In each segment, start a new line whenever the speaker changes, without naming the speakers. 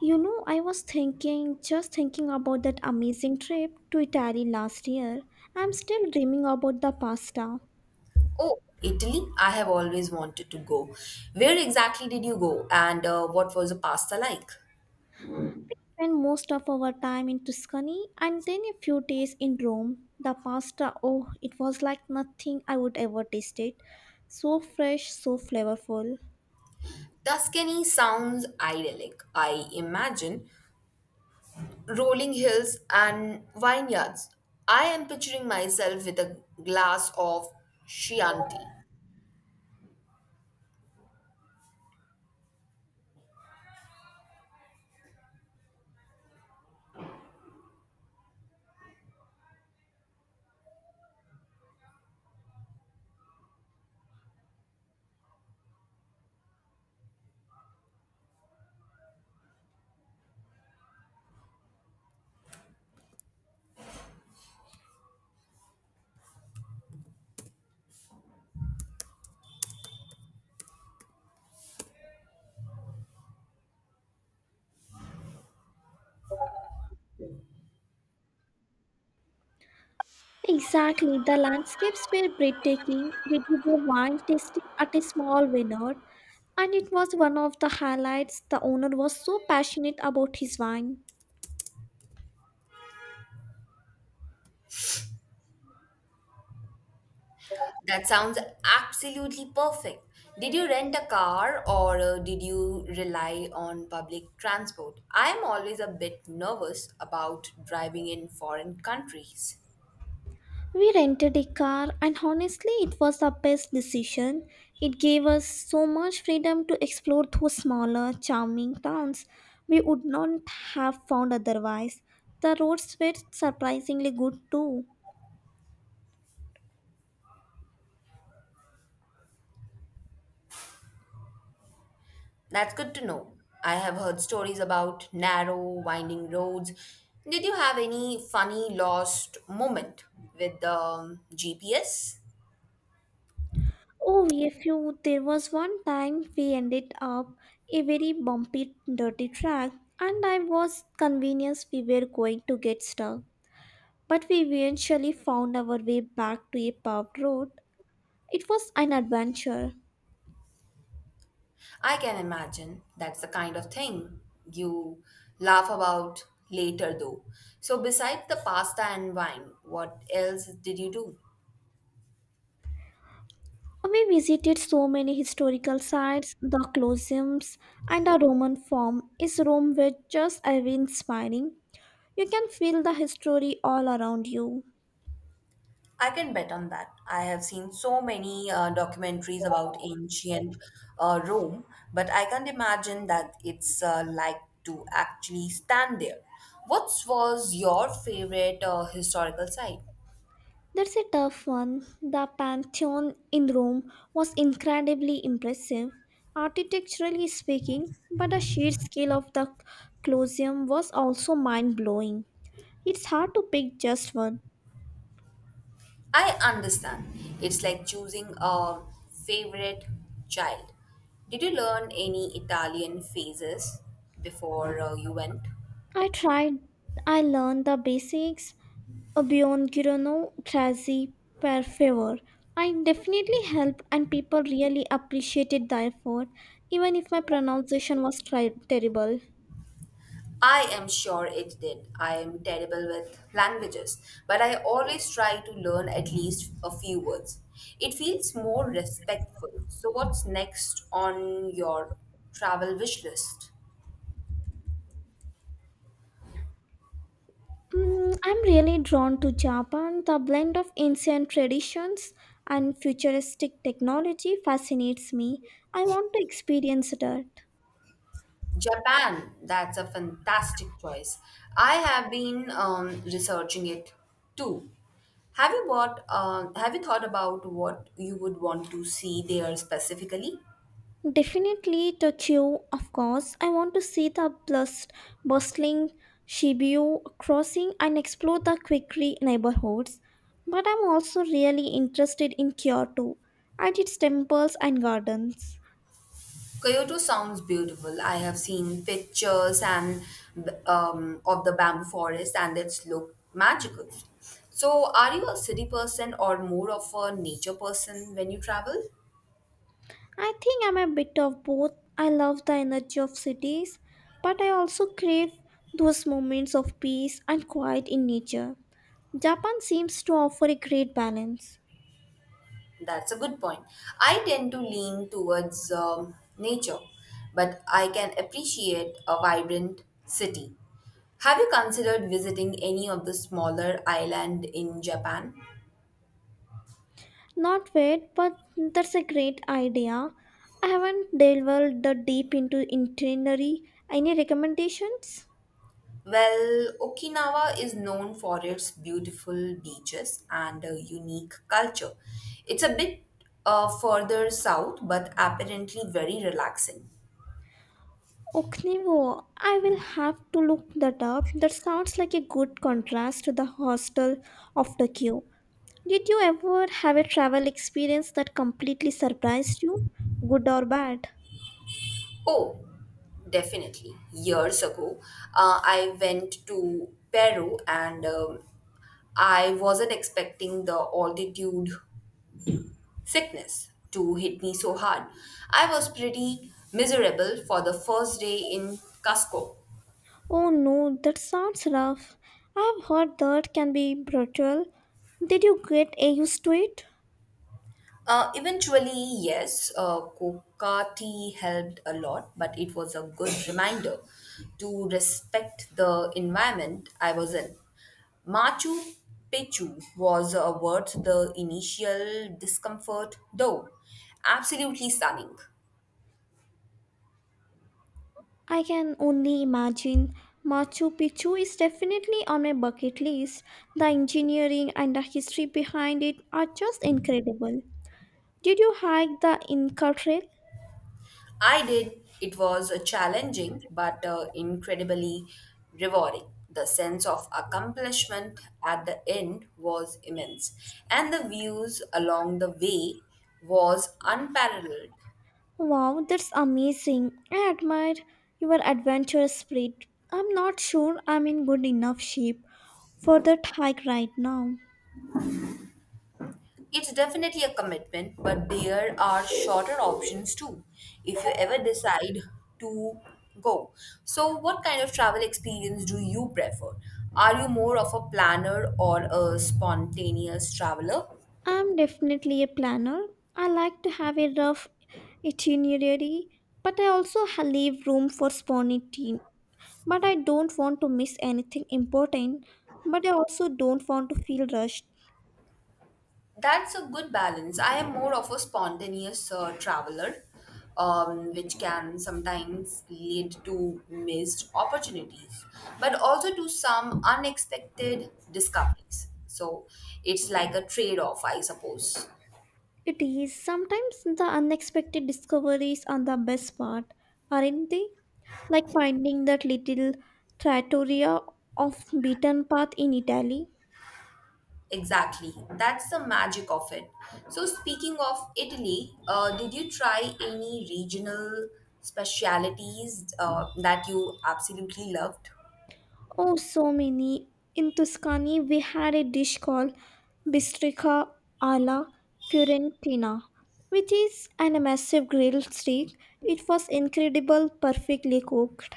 You know, I was thinking, just thinking about that amazing trip to Italy last year. I'm still dreaming about the pasta.
Oh, Italy, I have always wanted to go. Where exactly did you go, and what was the pasta like?
Spent most of our time in Tuscany and then a few days in Rome. The pasta, oh, it was like nothing I would ever taste it. So fresh, so flavorful.
Tuscany sounds idyllic, I imagine. Rolling hills and vineyards. I am picturing myself with a glass of Chianti.
Exactly, the landscapes were breathtaking. We did a wine tasting at a small vineyard, and it was one of the highlights. The owner was so passionate about his wine.
That sounds absolutely perfect. Did you rent a car, or did you rely on public transport? I am always a bit nervous about driving in foreign countries.
We rented a car, and honestly, it was the best decision. It gave us so much freedom to explore those smaller, charming towns we would not have found otherwise. The roads were surprisingly good too.
That's good to know. I have heard stories about narrow, winding roads. Did you have any funny lost moment with the GPS?
Oh, a few. There was one time we ended up a very bumpy, dirty track, and I was convinced we were going to get stuck. But we eventually found our way back to a paved road. It was an adventure.
I can imagine that's the kind of thing you laugh about later, though. So, besides the pasta and wine, what else did you do?
Oh, we visited so many historical sites, the Colosseums, and the Roman Forum. Is Rome were just ever inspiring? You can feel the history all around you.
I can bet on that. I have seen so many documentaries about ancient Rome, but I can't imagine that it's like to actually stand there. What was your favorite historical site?
That's a tough one. The Pantheon in Rome was incredibly impressive, architecturally speaking, but the sheer scale of the Colosseum was also mind blowing. It's hard to pick just one.
I understand. It's like choosing a favorite child. Did you learn any Italian phrases before you went?
I tried, I learned the basics, beyond Girano Grazi per favor. I definitely helped, and people really appreciated the effort, even if my pronunciation was terrible.
I am sure it did. I am terrible with languages, but I always try to learn at least a few words. It feels more respectful. So, what's next on your travel wish list?
Mm, I'm really drawn to Japan. The blend of ancient traditions and futuristic technology fascinates me. I want to experience that.
Japan, that's a fantastic choice. I have been researching it too. Have you thought about what you would want to see there specifically?
Definitely Tokyo, of course. I want to see the bustling Shibuya crossing and explore the quirky neighborhoods. But I'm also really interested in Kyoto and its temples and gardens.
Kyoto sounds beautiful. I have seen pictures and, of the bamboo forest, and it's look magical. So, are you a city person or more of a nature person when you travel?
I think I'm a bit of both. I love the energy of cities, but I also crave those moments of peace and quiet in nature. Japan seems to offer a great balance.
That's a good point. I tend to lean towards nature, but I can appreciate a vibrant city. Have you considered visiting any of the smaller island in Japan?
Not yet, but that's a great idea. I haven't delved that deep into itinerary. Any recommendations?
Well, Okinawa is known for its beautiful beaches and a unique culture. It's a bit further south, but apparently very relaxing.
Oknivo, I will have to look that up. That sounds like a good contrast to the hostel of Tokyo. Did you ever have a travel experience that completely surprised you, good or bad?
Oh, definitely. Years ago, I went to Peru and, I wasn't expecting the altitude sickness to hit me so hard. I was pretty miserable for the first day in Cusco.
Oh no, that sounds rough. I've heard that can be brutal. Did you get used to it?
Eventually, yes, Coca tea helped a lot, but it was a good reminder to respect the environment I was in. Machu Picchu was worth the initial discomfort, though. Absolutely stunning.
I can only imagine. Machu Picchu is definitely on my bucket list. The engineering and the history behind it are just incredible. Did you hike the Inca Trail?
I did. It was challenging, but incredibly rewarding. The sense of accomplishment at the end was immense, and the views along the way was unparalleled.
Wow, that's amazing. I admire your adventurous spirit. I'm not sure I'm in good enough shape for that hike right now.
It's definitely a commitment, but there are shorter options too if you ever decide to go. So, what kind of travel experience do you prefer? Are you more of a planner or a spontaneous traveler?
I'm definitely a planner. I like to have a rough itinerary, but I also leave room for spontaneity. But I don't want to miss anything important, but I also don't want to feel rushed.
That's a good balance. I am more of a spontaneous traveler, which can sometimes lead to missed opportunities, but also to some unexpected discoveries. So it's like a trade off, I suppose.
It is sometimes the unexpected discoveries are the best part, aren't they? Like finding that little trattoria off beaten path in Italy.
Exactly. That's the magic of it. So, speaking of Italy, did you try any regional specialities that you absolutely loved?
Oh, so many. In Tuscany, we had a dish called bistrica alla fiorentina, which is an massive grilled steak. It was incredible, perfectly cooked.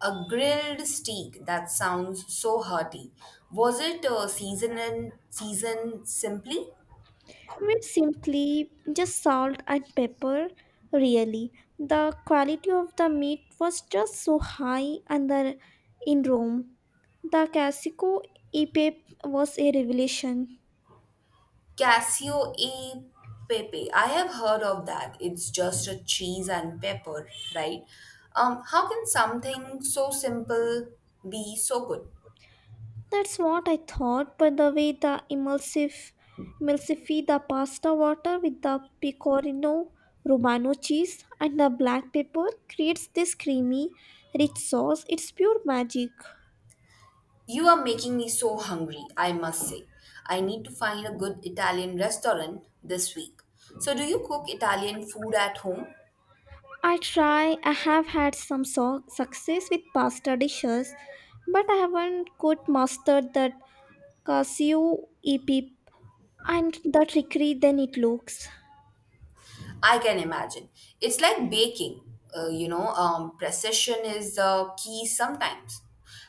A grilled steak, that sounds so hearty. Was it seasoned simply?
With simply just salt and pepper, really, the quality of the meat was just so high. And the, in Rome, the classico epep was a revelation.
Casio e pepe. I have heard of that. It's just a cheese and pepper, right? How can something so simple be so good?
That's what I thought, but the way the emulsive the pasta water with the pecorino romano cheese and the black pepper creates this creamy, rich sauce, it's pure magic.
You are making me so hungry, I must say. I need to find a good Italian restaurant this week. So, do you cook Italian food at home?
I try, I have had some success with pasta dishes, but I haven't quite mastered that cashew epip and the trickery than it looks.
I can imagine. It's like baking, you know, precision is the key sometimes.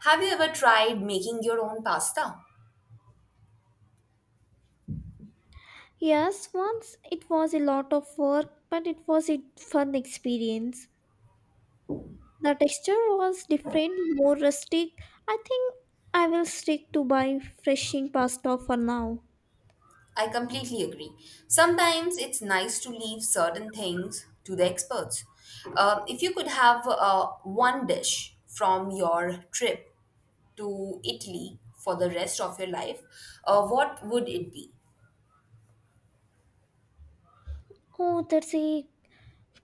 Have you ever tried making your own pasta?
Yes, once it was a lot of work, but it was a fun experience. The texture was different, more rustic. I think I will stick to buy freshing pasta for now.
I completely agree. Sometimes it's nice to leave certain things to the experts. If you could have one dish from your trip to Italy for the rest of your life, what would it be?
Oh, that's a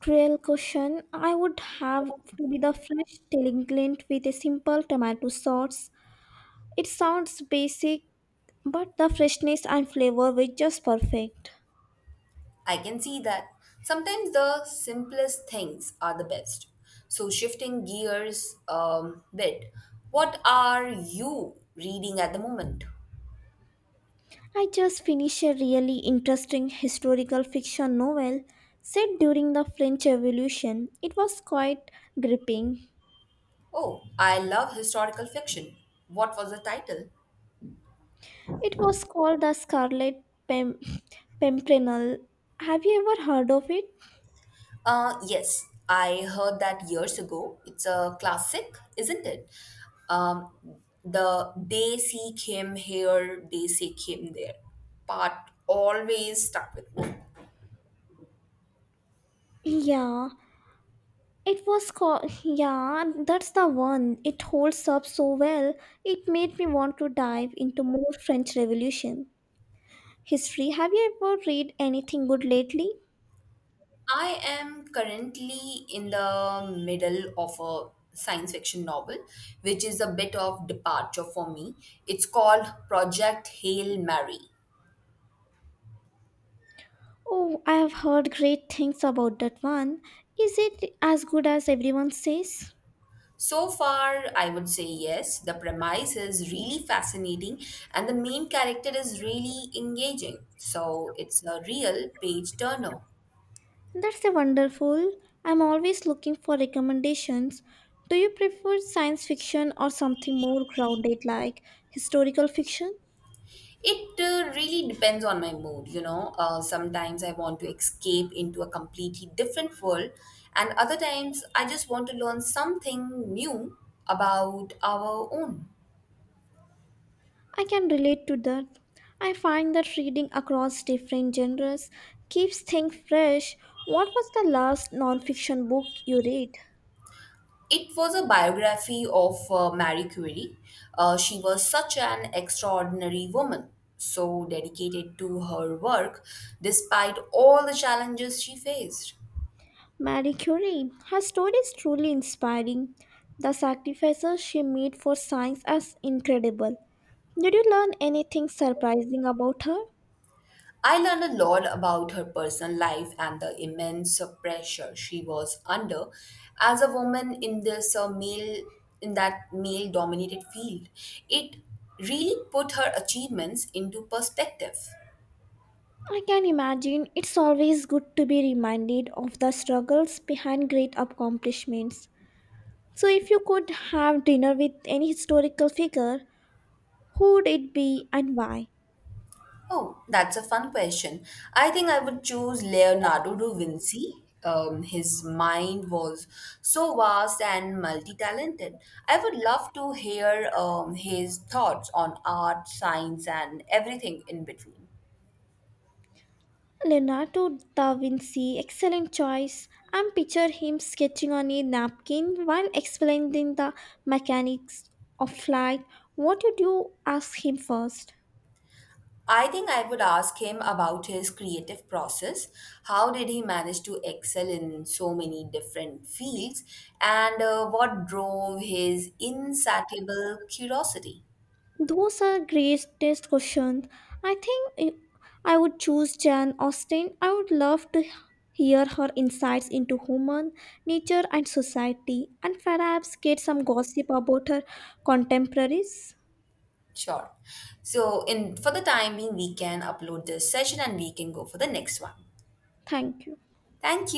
cruel question. I would have to be the fresh teleglint with a simple tomato sauce. It sounds basic, but the freshness and flavor were just perfect.
I can see that sometimes the simplest things are the best. So, shifting gears bit, what are you reading at the moment?
I just finished a really interesting historical fiction novel set during the French Revolution. It was quite gripping.
Oh, I love historical fiction. What was the title?
It was called The Scarlet Pimpernel. Have you ever heard of it?
Yes, I heard that years ago. It's a classic, isn't it? Um, the They Seek Him Here, They Seek Him There part always stuck with me.
Yeah, it was called, yeah, that's the one. It holds up so well. It made me want to dive into more French Revolution history. Have you ever read anything good lately?
I am currently in the middle of a science fiction novel, which is a bit of departure for me. It's called Project Hail Mary.
Oh, I have heard great things about that one. Is it as good as everyone says?
So far, I would say yes. The premise is really fascinating, and the main character is really engaging. So it's a real page turner.
That's a wonderful. I'm always looking for recommendations. Do you prefer science fiction or something more grounded like historical fiction?
It really depends on my mood, you know. Sometimes I want to escape into a completely different world, and other times I just want to learn something new about our own.
I can relate to that. I find that reading across different genres keeps things fresh. What was the last nonfiction book you read?
It was a biography of Marie Curie. She was such an extraordinary woman, so dedicated to her work despite all the challenges she faced.
Marie Curie. Her story is truly inspiring. The sacrifices she made for science are incredible. Did you learn anything surprising about her?
I learned a lot about her personal life and the immense pressure she was under as a woman in this male in that male dominated field. It really put her achievements into perspective.
I can imagine it's always good to be reminded of the struggles behind great accomplishments. So, if you could have dinner with any historical figure, who'd it be and why?
Oh, that's a fun question. I think I would choose Leonardo da Vinci. His mind was so vast and multi talented. I would love to hear his thoughts on art, science, and everything in between.
Leonardo da Vinci, excellent choice. I picture him sketching on a napkin while explaining the mechanics of flight. What would you ask him first?
I think I would ask him about his creative process. How did he manage to excel in so many different fields? And what drove his insatiable curiosity?
Those are greatest questions. I think I would choose Jane Austen. I would love to hear her insights into human nature and society, and perhaps get some gossip about her contemporaries.
Sure. So, in for the time being, we can upload this session and we can go for the next one.
Thank you.
Thank you.